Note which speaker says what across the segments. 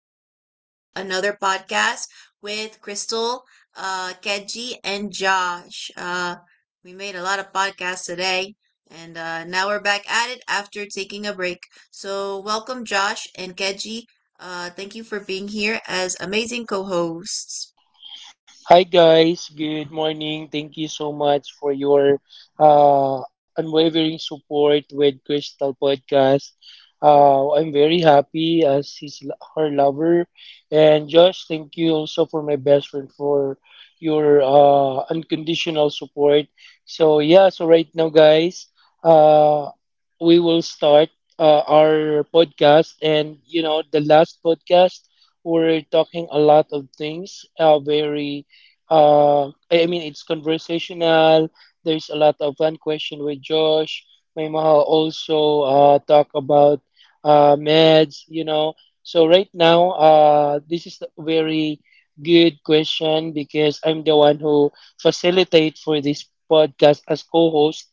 Speaker 1: Welcome to another podcast with Crystal, Keji, and Josh. We made a lot of podcasts today, and now we're back at it after taking a break. So, welcome, Josh and Keji. Thank you for being here as amazing co hosts.
Speaker 2: Hi guys, good morning. Thank you so much for your unwavering support with Crystal Podcast. I'm very happy as his her lover, and Josh, thank you also for my best friend for your unconditional support. So yeah, so right now guys, uh, we will start our podcast, and you know the last podcast we're talking a lot of things, very I mean, it's conversational. There's a lot of fun question with Josh. May Mahal also talk about meds, you know. So right now, this is a very good question because I'm the one who facilitate for this podcast as co-host,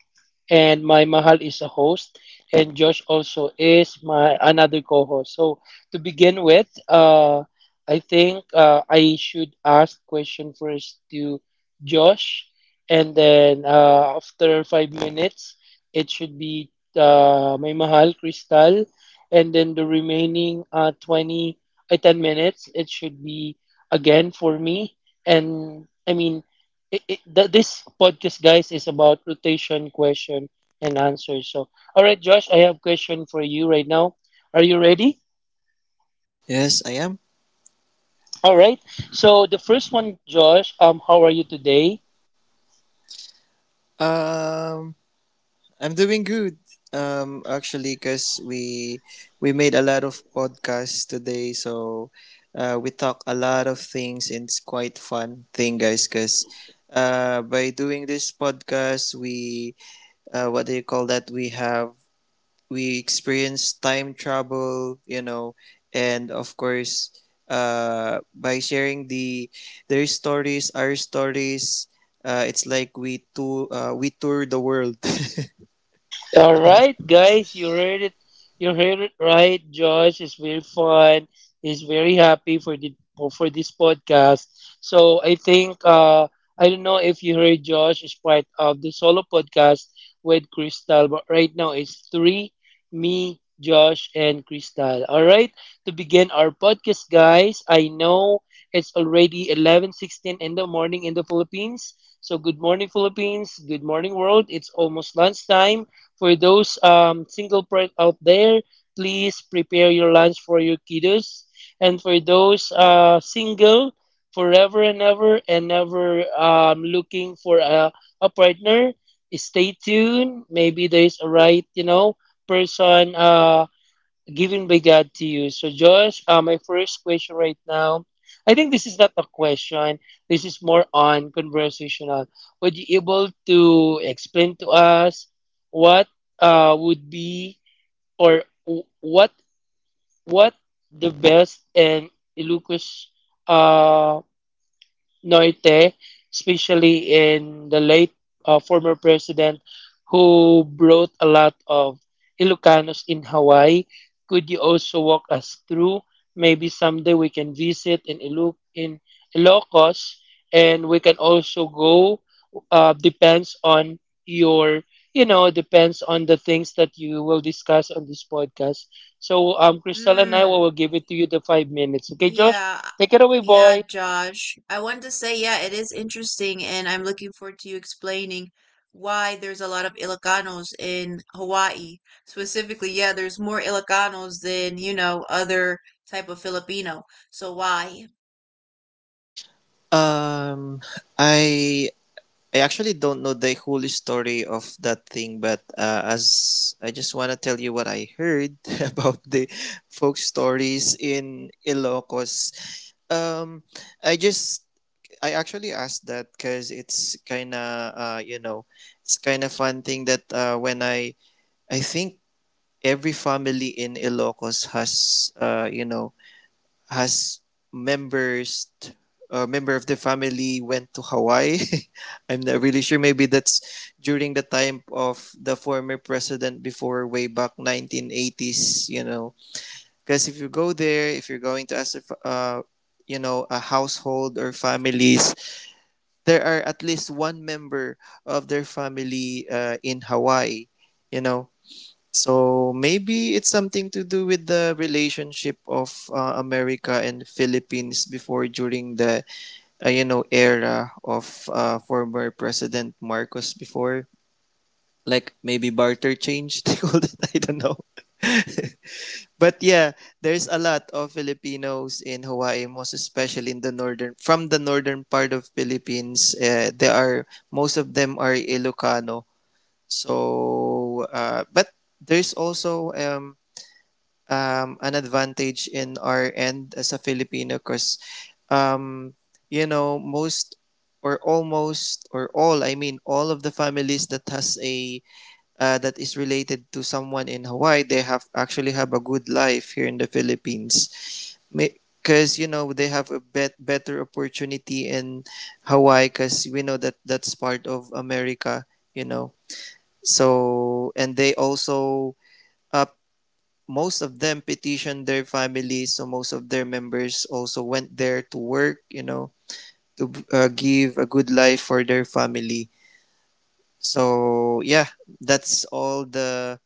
Speaker 2: and my Mahal is a host, and Josh also is my another co-host. So to begin with, I think I should ask question first to Josh, and then after 5 minutes, it should be my mahal Crystal, and then the remaining 20 10 minutes, it should be again for me. And I mean, this podcast, guys, is about rotation question and answer. So, all right, Josh, I have question for you right now. Are you ready?
Speaker 3: Yes, I am.
Speaker 2: All right. So the first one, Josh. How are you today?
Speaker 3: Um, I'm doing good. Actually, cause we made a lot of podcasts today, so we talk a lot of things, and it's quite fun thing, guys. Cause by doing this podcast, we what do you call that? We have we experience time travel, and of course by sharing their stories, our stories, it's like we tour the world.
Speaker 2: All right, guys, you heard it. You heard it right. Josh is very fun. He's very happy for the for this podcast. So I think I don't know if you heard Josh is part of the solo podcast with Crystal, but right now it's three: me, Josh, and Crystal. All right, to begin our podcast, guys. I know it's already 11:16 in the morning in the Philippines. So good morning, Philippines. Good morning, world. It's almost lunchtime. For those single parents out there, please prepare your lunch for your kiddos. And for those single forever and ever and never looking for a partner, stay tuned. Maybe there's a right, you know, person given by God to you. So, Josh, my first question right now, I think this is not a question. This is more on conversational. Would you able to explain to us what would be or what what the best and Lucas uh, Norte, especially in the late former president who brought a lot of Ilocanos in Hawaii. Could you also walk us through? Maybe someday we can visit in Ilocos, and we can also go. Depends on your, you know, depends on the things that you will discuss on this podcast. So, Crystal and I will give it to you the 5 minutes. Okay, Josh,
Speaker 1: Yeah.
Speaker 2: take it away, boy.
Speaker 1: Yeah, Josh. I wanted to say, yeah, it is interesting, and I'm looking forward to you explaining why there's a lot of Ilocanos in Hawaii. Specifically, yeah, there's more Ilocanos than, you know, other type of Filipino. So why?
Speaker 3: um i I actually don't know the whole story of that thing, but as I just want to tell you what I heard about the folk stories in Ilocos. um i just I actually asked that because it's kind of it's kind of fun thing that when I think every family in Ilocos has, has members t- a member of the family went to Hawaii. I'm not really sure. Maybe that's during the time of the former president before, way back 1980s. You know, because if you go there, if you're going to ask, if, you know, a household or families, there are at least one member of their family in Hawaii, you know. So maybe it's something to do with the relationship of America and Philippines before, during the era of former President Marcos before, like maybe barter change, they called it. I don't know. But yeah, there's a lot of Filipinos in Hawaii, most especially in the northern, from the northern part of Philippines. There are most of them are Ilocano. So, but there's also an advantage in our end as a Filipino, because um, you know most or almost or all, I mean, all of the families that has a that is related to someone in Hawaii, they have actually have a good life here in the Philippines. Because you know they have a better opportunity in Hawaii, because we know that that's part of America. You know, so and they also uh, most of them petitioned their families, so most of their members also went there to work. You know, to give a good life for their family. So yeah, that's all the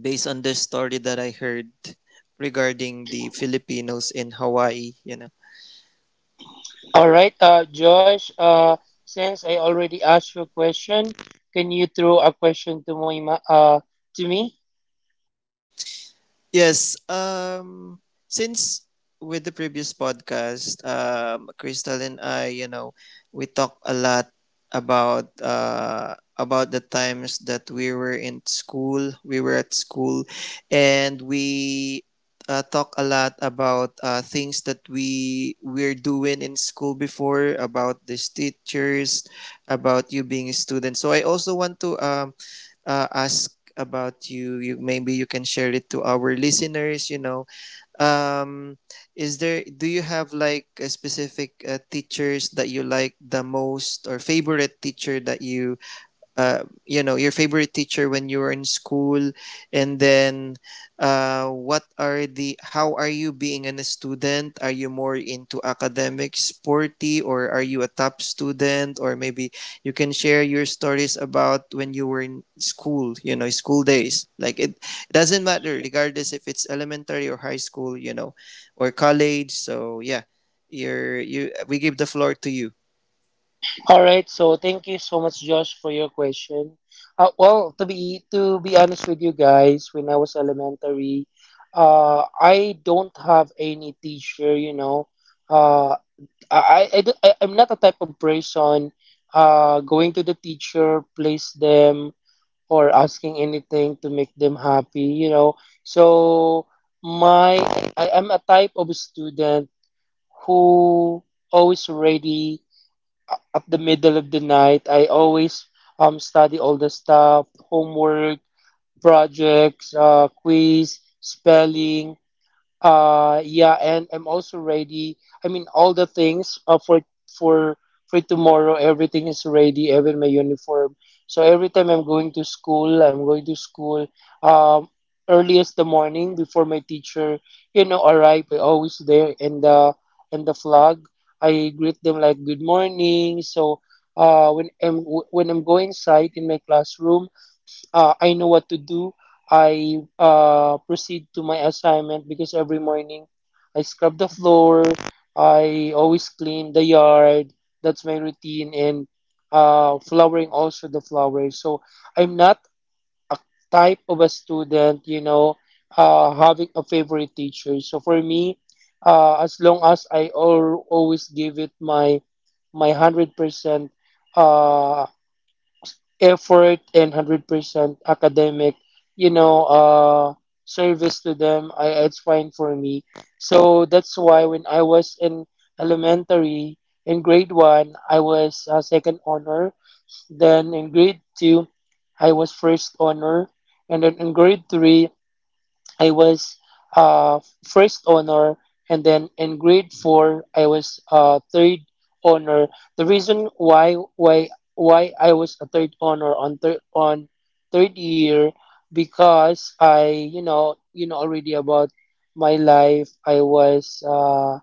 Speaker 3: based on the story that I heard regarding the Filipinos in Hawaii, you know.
Speaker 2: All right, Josh, since I already asked you a question, can you throw a question to to me?
Speaker 3: Yes. Since with the previous podcast, Crystal and I, you know, we talked a lot about uh about the times that we were in school, we were at school, and we talk a lot about things that we were doing in school before, about these teachers, about you being a student. So I also want to ask about you, maybe you can share it to our listeners, you know. um is there, do you have like a specific teachers that you like the most, or favorite teacher that you you know, your favorite teacher when you were in school? And then what are the how are you being in a student? Are you more into academics, sporty, or are you a top student? Or maybe you can share your stories about when you were in school, you know, school days, like it doesn't matter regardless if it's elementary or high school, you know, or college. So yeah, you're you we give the floor to you.
Speaker 2: All right, so thank you so much, Josh, for your question. Well, to be honest with you guys, when I was elementary, I don't have any teacher. You know, uh, I'm not a type of person. Going to the teacher, place them, or asking anything to make them happy, you know. So my I am a type of student who always ready up the middle of the night. I always study all the stuff, homework, projects, quiz, spelling, yeah, and I'm also ready. I mean, all the things for for tomorrow everything is ready, even my uniform. So every time I'm going to school, I'm going to school um earliest the morning, before my teacher, you know, arrive, I always there in the flag. I greet them like good morning. So uh when i'm when I'm going inside in my classroom, I know what to do. I proceed to my assignment because every morning I scrub the floor. I always clean the yard. That's my routine, and flowering also the flowers. So I'm not a type of a student, you know, having a favorite teacher. So for me, as long as I always give it my my 100%, uh, effort and 100% academic, you know, service to them. I, it's fine for me. So that's why when I was in elementary, in grade 1 I was second honor, then in grade 2 I was first honor, and then in grade 3 I was first honor, and then in grade 4 I was third honor. The reason why I was a third honor on third year, because I, you know, you know already about my life. I was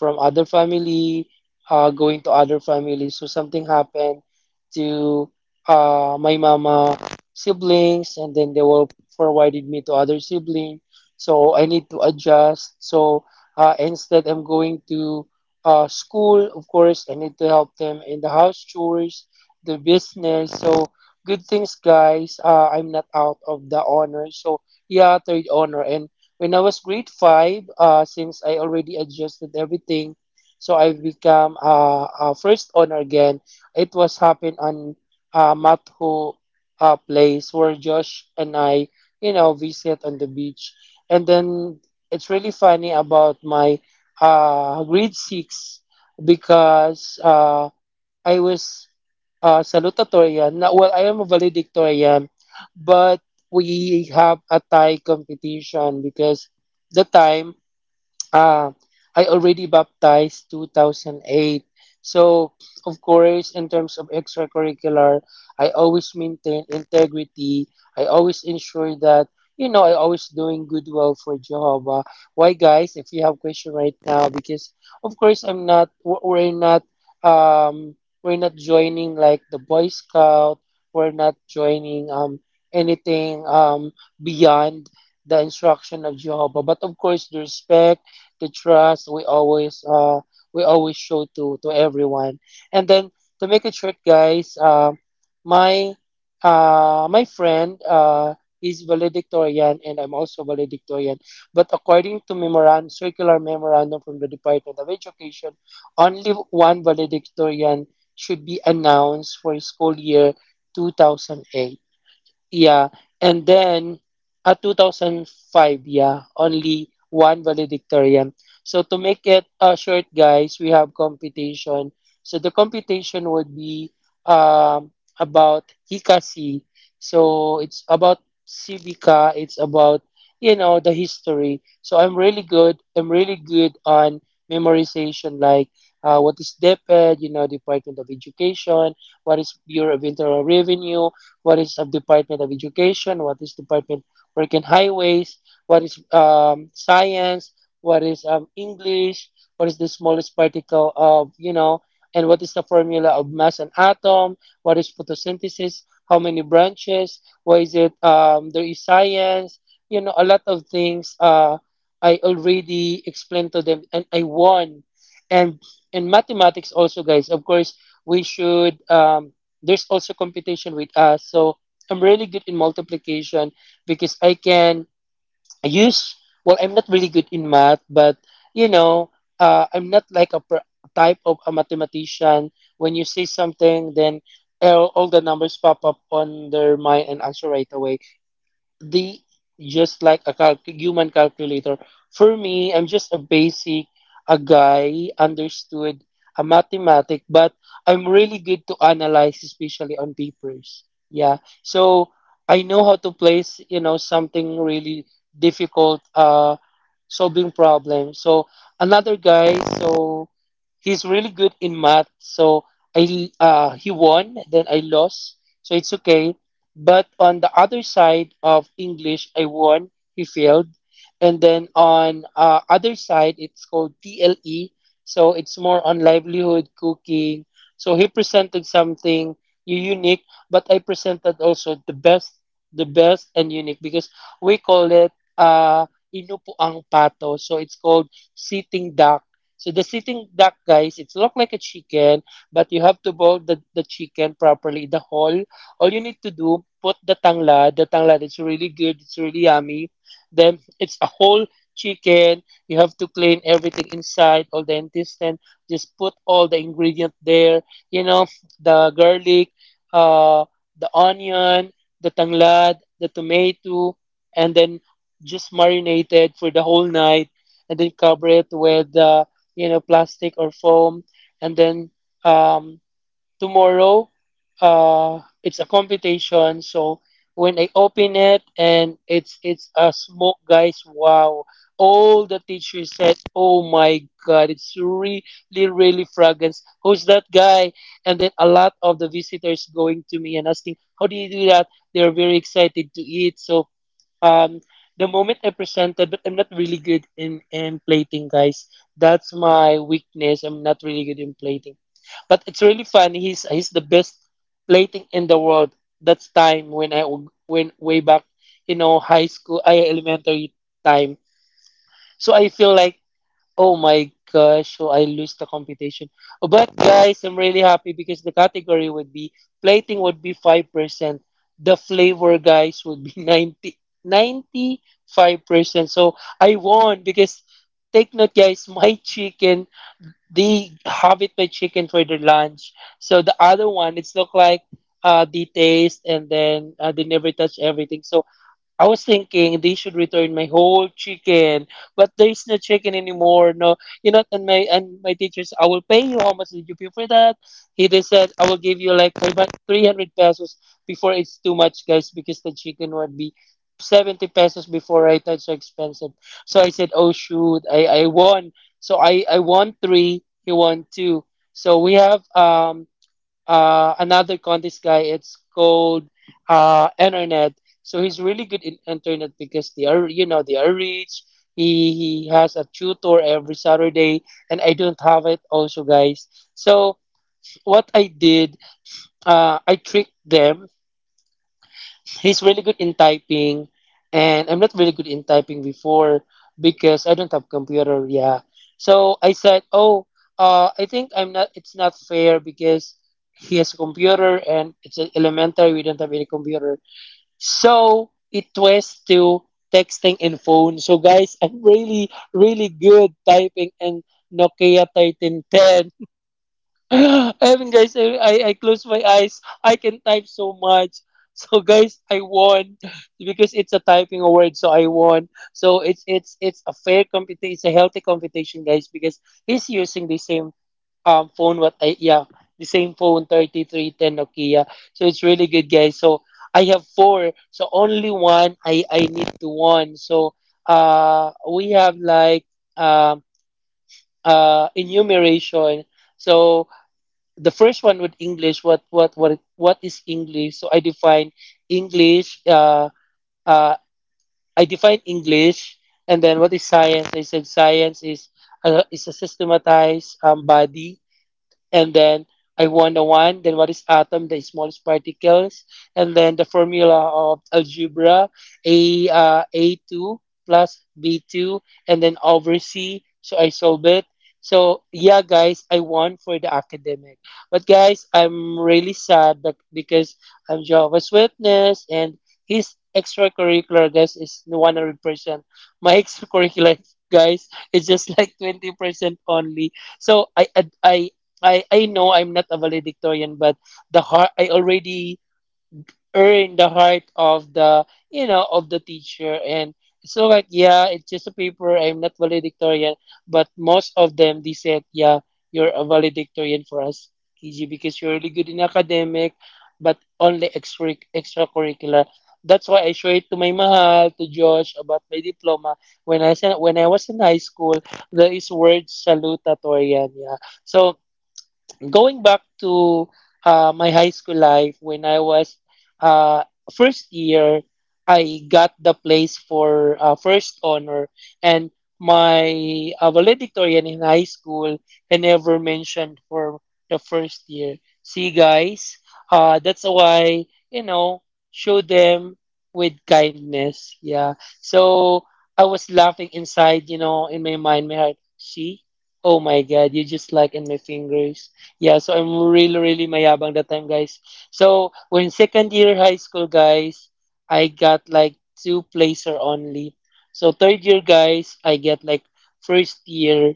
Speaker 2: from other family, going to other family, so something happened to my mama siblings, and then they will forwarded me to other sibling, so I need to adjust. So instead, I'm going to school. Of course, I need to help them in the house chores, the business. So good things, guys. I'm not out of the honor. So yeah, third honor. And when I was grade 5, since I already adjusted everything, so I've become a first honor again. It was happened on Matho, place where Josh and I, you know, visit on the beach, and then it's really funny about my grade 6, because I was salutatorian. Now, well, I am a valedictorian, but we have a tie competition because the time. Ah, I already baptized 2008. So, of course, in terms of extracurricular, I always maintain integrity. I always ensure that, you know, I always doing good well for Jehovah. Why, guys, if you have question right now, because, of course, I'm not, we're not, um, we're not joining like the Boy Scout. We're not joining, anything, beyond the instruction of Jehovah. But of course, the trust, we always show to everyone. And then to make it short, guys, my my friend is valedictorian, and I'm also valedictorian. But according to memorandum, circular memorandum from the Department of Education, only one valedictorian should be announced for school year 2008. Yeah, and then at 2005, yeah, only one valedictorian. So to make it short, guys, we have computation. So the computation would be um, about Hikasi. So it's about Civica. It's about, you know, the history. So I'm really good. I'm really good on memorization, like what is DepEd, you know, Department of Education, what is Bureau of Internal Revenue, what is a Department of Education, what is Department Work in Highways, what is Science, what is English, what is the smallest particle of, you know, and what is the formula of mass and atom, what is photosynthesis, how many branches, what is it, there is science, you know, a lot of things I already explained to them and I won. And in mathematics also, guys, of course, we should there's also competition with us. So I'm really good in multiplication because I can use, well, I'm not really good in math, but you know, I'm not like a type of a mathematician. When you say something, then all the numbers pop up on their mind and answer right away the just like a calc human calculator. For me, I'm just a basic, a guy understood a mathematic, but I'm really good to analyze, especially on papers. Yeah, so I know how to place, you know, something really difficult, solving problem. So another guy, so he's really good in math. So he won, then I lost. So it's okay. But on the other side of English, I won, he failed. And then on other side, it's called TLE. So it's more on livelihood, cooking. So he presented something unique, but I presented also the best and unique, because we call it uh, inupuang pato. So it's called sitting duck. So the sitting duck, guys, it's look like a chicken, but you have to boil the chicken properly, the whole. All you need to do, put the tanglad. The tanglad is really good. It's really yummy. Then it's a whole chicken. You have to clean everything inside, all the intestine. Just put all the ingredient there. You know, the garlic, uh, the onion, the tanglad, the tomato, and then just marinate it for the whole night, and then cover it with you know, plastic or foam, and then um, tomorrow it's a competition. So when I open it, and it's a smoke, guys, wow, all the teachers said, "Oh my god, it's really really fragrance. Who's that guy?" And then a lot of the visitors going to me and asking, "How do you do that?" They're very excited to eat. So um the moment I presented, but I'm not really good in plating, guys. That's my weakness, I'm not really good in plating. But it's really funny. He's the best plating in the world. That's time when when way back, you know, high school, I elementary time. So I feel like, oh my gosh, so I lose the competition. Oh, but guys, I'm really happy because the category would be plating would be 5%. The flavor, guys, would be ninety five percent. So I won because, take note, guys, my chicken, they have it by chicken for their lunch. So the other one, it's look like, they taste, and then they never touch everything. So I was thinking they should return my whole chicken, but there's no chicken anymore. No, you know, and my, and my teachers, "I will pay you. How much did you pay for that?" He They said, "I will give you like 300 pesos." Before it's too much, guys, because the chicken would be 70 pesos before, right? That's so expensive. So I said, "Oh shoot, I won." So I won three, he won two. So we have another contest, guy. It's called Internet. So he's really good in Internet because they are, you know, they are rich. He has a tutor every Saturday, and I don't have it also, guys. So what I did, I tricked them. He's really good in typing, and I'm not really good in typing before because I don't have computer. Yeah, so I said, oh, I think I'm not. It's not fair because he has a computer and elementary, we don't have any computer, so it was to texting and phone. So guys, I'm really, really good typing in Nokia 1310. And guys, I close my eyes, I can type so much. So guys, I won because it's a typing award. So I won. So it's it's a fair competition. It's a healthy competition, guys, because he's using the same phone. What I Yeah, the same phone, 3310 Nokia. So it's really good, guys. So I have four, so only one I need to one. So we have like um enumeration. So the first one with English, what is English? So I define English. Uh, I define English, and then what is science? I said science is, is a systematized body, and then I won the one. Then what is atom? The smallest particles, and then the formula of algebra: a two plus b two, and then over c. So I solve it. So yeah, guys, I won for the academic. But guys, I'm really sad that because I'm Jehovah's Witness, and his extracurricular, guys, is 100%. My extracurricular, guys, is just like 20% only. So I I know I'm not a valedictorian, but the heart, I already earned the heart of the, you know, of the teacher, and so like yeah, it's just a paper. I'm not valedictorian, but most of them, they said, "Yeah, you're a valedictorian for us, KG, because you're really good in academic, but only extra extracurricular." That's why I show it to my mahal, to Josh about my diploma. When I was in high school, there is word salutatorian. Yeah, so going back to my high school life when I was, uh, first year, I got the place for first honor, and my valedictorian in high school I never mentioned for the first year. See, guys, that's why, you know, show them with kindness. Yeah. So I was laughing inside, you know, in my mind, my heart. See, oh my God, you just like in my fingers. Yeah, so I'm really, really mayabang that time, guys. So when second year high school, guys, I got like two placer only. So third year, guys, I get like first year,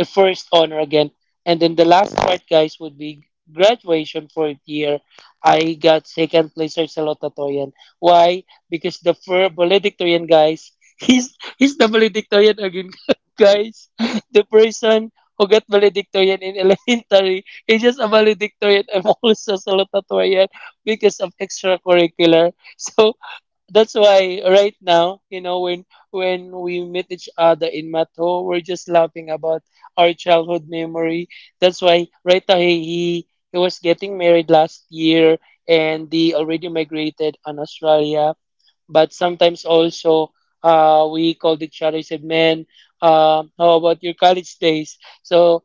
Speaker 2: first honor again. And then the last part, guys, would be graduation fourth year. I got second placer sa Lotatoyan. Why? Because valedictorian, guys, he's the valedictorian again, guys. The person who got valedictorian in elementary, he's just a valedictorian. I'm also salutatorian because of extracurricular. So that's why right now, you know, when we meet each other in Mato, we're just laughing about our childhood memory. That's why right now he was getting married last year, and they already migrated on Australia. But sometimes also, we called each other, said, "Man, how about your college days?" So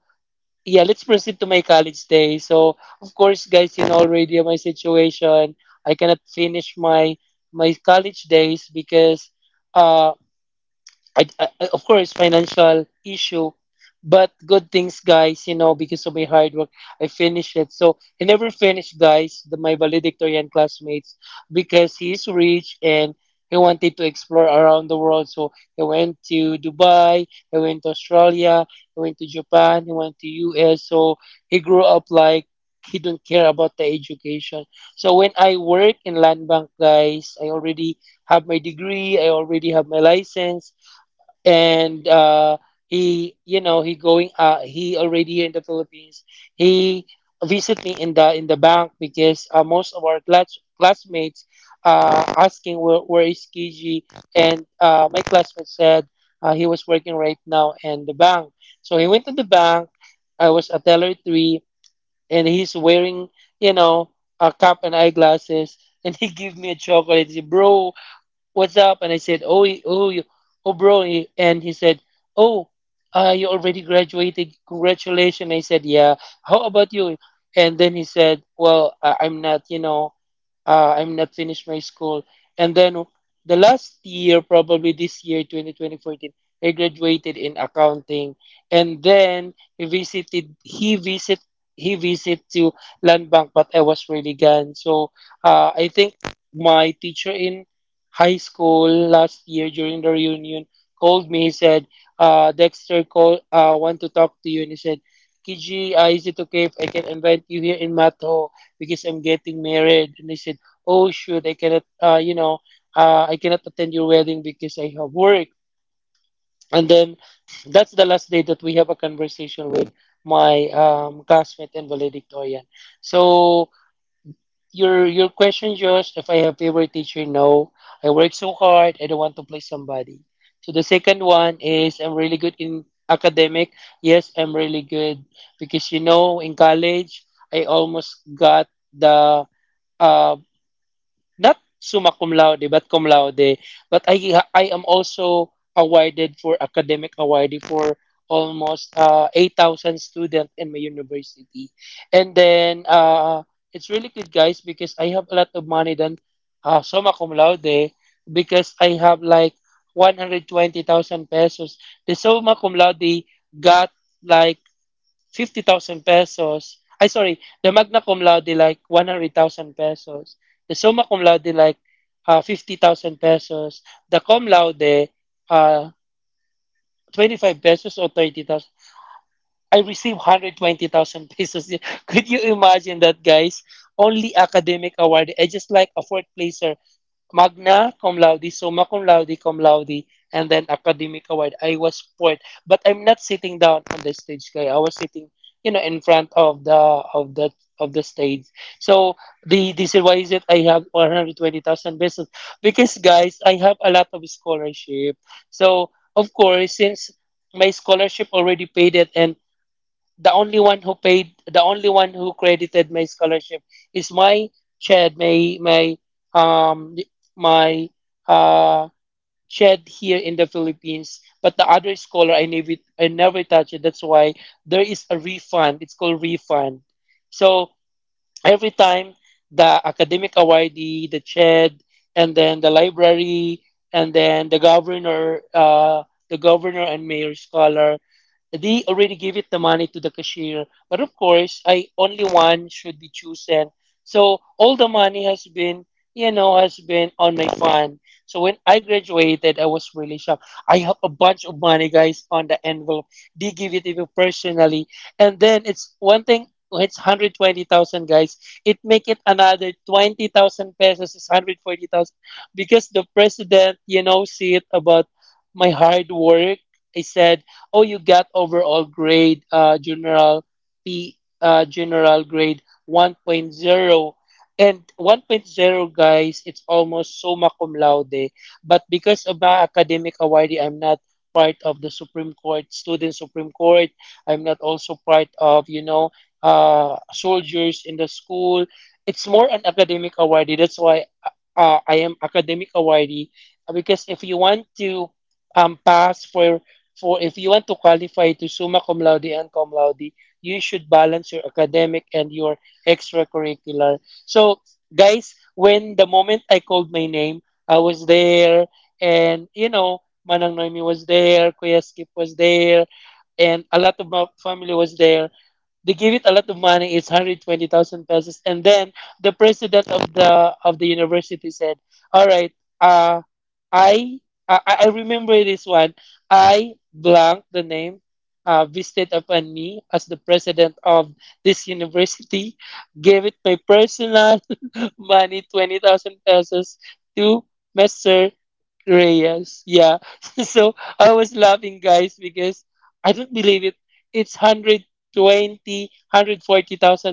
Speaker 2: yeah, let's proceed to my college days. So, of course, guys, you know already my situation. I cannot finish my my college days because, uh, of course, financial issue, but good things, guys. You know, because of my hard work, I finished it. So I never finished, guys. The, my valedictorian classmates, because he's rich and he wanted to explore around the world. So he went to Dubai, he went to Australia, he went to Japan, he went to US. So he grew up like he don't care about the education. So when I work in land bank, guys, I already have my degree, I already have my license, and he, you know, he already here in the philippines. He visit me in the bank because, most of our classmates, asking where is kiji. And my classmate said, he was working right now in the bank. So he went to the bank. I was a teller three, and he's wearing, you know, a cap and eyeglasses, and he gave me a chocolate. He said, "Bro, what's up?" And I said, "Oh, bro." And he said, "Oh, you already graduated. Congratulations." I said, "Yeah. How about you?" And then he said, "Well, I'm not, you know, I'm not finished my school. And then the last year, probably this year, 202014, I graduated in accounting." And then he visit to land bank, but I was really gone. So I think my teacher in high school last year during the reunion called me. He said, Dexter call, want to talk to you." And he said, "Kiji, is it okay if I can invite you here in Mato? Because I'm getting married." And I said, "Oh shoot, I cannot, you know, I cannot attend your wedding because I have work." And then that's the last day that we have a conversation with my classmate and valedictorian. So your question, Josh, if I have favorite teacher, no, I work so hard, I don't want to play somebody. So the second one is I'm really good in academic. Yes, I'm really good because you know, in college, I almost got the uh, not summa cum laude but cum laude. But I am also awarded for academic awardee for almost 8,000 students in my university. And then it's really good, guys, because I have a lot of money than summa cum laude because I have like 120,000 pesos. The summa cum laude got like 50,000 pesos. I sorry, the magna cum laude like 100,000 pesos. The summa cum laude like 50,000 pesos. The cum laude, uh, 25 pesos or 30,000. I received 120,000 pesos. Could you imagine that, guys? Only academic award. I just like a fourth placer, magna cum laude, summa cum laude, and then academic award. I was fourth, but I'm not sitting down on the stage. Kaya I was sitting, you know, in front of the of the stage. So the this is why is it I have 120,000 pesos because guys, I have a lot of scholarship. So of course, since my scholarship already paid it, and the only one who credited my scholarship is my shed my my um my uh shed here in the philippines. But the other scholar, I never touch it. That's why there is a refund, it's called refund. So every time the academic awardee, the shed, and then the library, and then the governor, the governor and mayor scholar, they already gave it the money to the cashier, but of course, I only one should be chosen. So all the money has been, you know, has been on my fund. So when I graduated, I was really shocked. I have a bunch of money, guys, on the envelope. They give it to you personally, and then it's one thing. It's 120,000, guys. It make it another 20,000 pesos. Is 140,000 because the president, you know, see it about my hard work. I said, "Oh, you got overall grade, general p general grade one point zero, and one point zero, guys, it's almost summa cum laude, but because of my academic award I'm not part of the supreme court, student supreme court. I'm not also part of, soldiers in the school. It's more an academic award, that's why I am academic awardee. Because if you want to pass for if you want to qualify to summa cum laude and cum laude, you should balance your academic and your extracurricular. So, guys, when the moment I called my name, I was there, and Manang Noemi was there, Kuya Skip was there, and a lot of my family was there. They give it a lot of money. It's 120,000 pesos, and then the president of the university said, "All right, uh, I I, I remember this one. I blank the name. Visited upon me as the president of this university, gave it my personal money, 20,000 pesos, to Mister." Reyes, yeah. So I was laughing, guys, because I don't believe it. It's 120,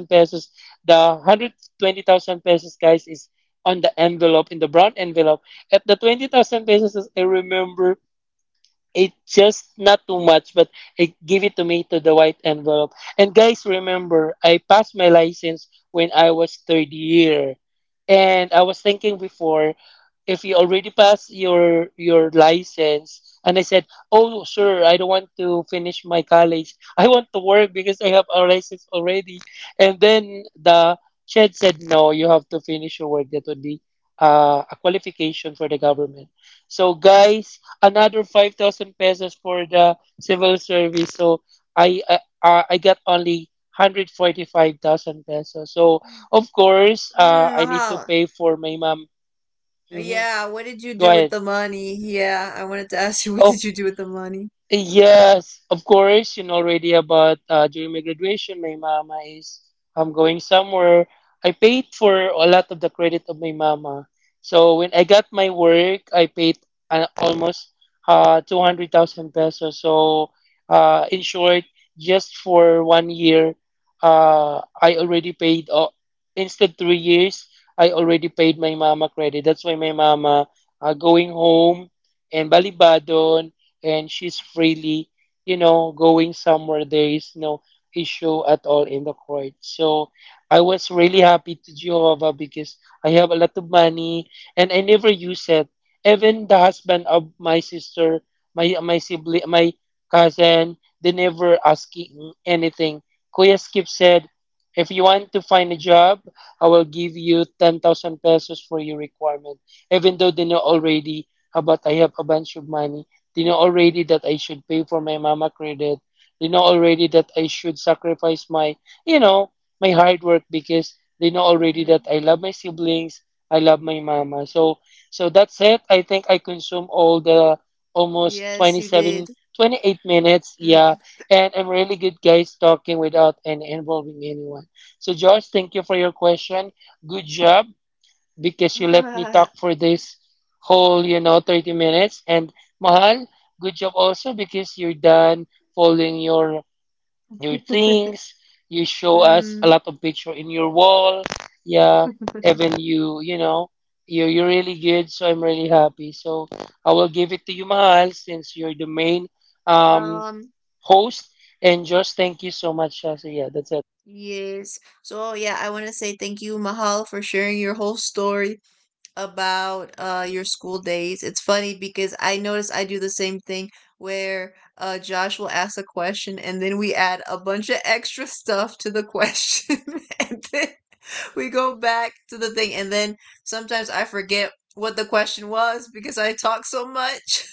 Speaker 2: pesos. The 120,000 pesos, guys, is on the envelope, in the brown envelope. At the 20,000 pesos, I remember it's just not too much, but I give it to me to the white envelope. And guys, remember, I passed my license when I was third year, and I was thinking before, if you already pass your license. And I said, "Oh, sir, I don't want to finish my college" "I want to work because I have a license already." And then the CHED said, "No, you have to finish your work, that would be a qualification for the government." So, guys, another 5,000 pesos for the civil service. So I got only 145,000 pesos. So of course
Speaker 1: Mm,
Speaker 2: I need to
Speaker 1: mahal.
Speaker 2: pay for my mom. Hmm.
Speaker 1: Yeah, what did you
Speaker 2: Go
Speaker 1: do with
Speaker 2: ahead.
Speaker 1: the money? Yeah, I wanted to ask you, what did you do with the money?
Speaker 2: Yes, of course, you know already about, during my graduation, my mama is, I'm going somewhere. I paid for a lot of the credit of my mama. So when I got my work, I paid almost 200,000 pesos. So in short, just for 1 year, I already paid, instead 3 years, I already paid my mama credit. That's why my mama, going home and Balibadon, and she's freely, going somewhere, there is no issue at all in the court. So I was really happy to Jehovah because I have a lot of money and I never use it. Even the husband of my sister, my sibling, my cousin, they never asking anything. Kuya Skip said, if you want to find a job, I will give you 10,000 pesos for your requirement, even though they know already about I have a bunch of money. They know already that I should pay for my mama credit. They know already that I should sacrifice my, you know, my hard work, because they know already that
Speaker 1: Mm.
Speaker 2: I love my siblings, I love my mama. So that's it. I think I consume all the almost
Speaker 1: Yes, you did.
Speaker 2: 27, 28 minutes. Yeah.
Speaker 1: Mm.
Speaker 2: And I'm really good, guys, talking without and involving anyone. So, Josh, thank you for your question. Good job, because you let me talk for this whole, 30 minutes. And Mahal, good job also because you're done folding your things. You show us a
Speaker 1: mm.
Speaker 2: lot of picture in your wall. Yeah, even you, you're really good. So I'm really happy. So I will give it to you, Mahal, since you're the main um,
Speaker 1: Um,
Speaker 2: host. And just thank you so much. So yeah, that's it.
Speaker 1: Yes. So yeah, I want to say thank you, Mahal, for sharing your whole story about your school days. It's funny because I notice I do the same thing where Josh will ask a question and then we add a bunch of extra stuff to the question and then we go back to the thing, and then sometimes I forget what the question was because I talk so much.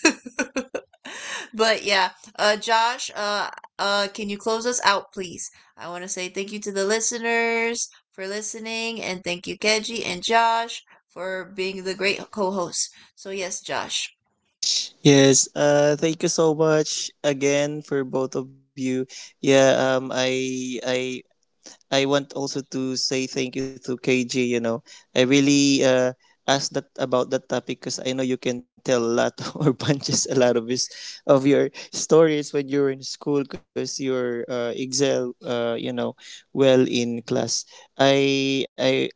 Speaker 1: But yeah, Josh, can you close us out, please? I want to say thank you to the listeners for listening, and thank you, Keji and Josh, for being the great co hosts. So, yes, Josh.
Speaker 3: Yes, thank you so much again for both of you. Yeah, I want also to say thank you to KG, you know. I really asked that about that topic because I know you can tell a lot or punches a lot of his of your stories when you are in school, because you're excel, you know, well in class. I I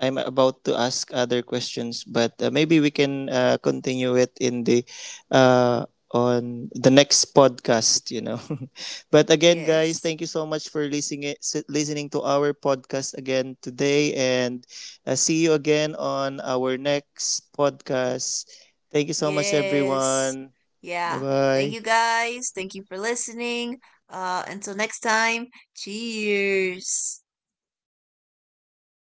Speaker 3: I'm about to ask other questions, but maybe we can continue it in the uh, on the next podcast, you know. But again, guys,
Speaker 1: Yes.
Speaker 3: thank you so much for listening, listening to our podcast again today, and see you again on our next podcast. Thank you so much,
Speaker 1: Yes.
Speaker 3: everyone. Bye
Speaker 1: Yeah. Thank you,
Speaker 3: bye.
Speaker 1: guys. Thank you for listening. Until next time, cheers.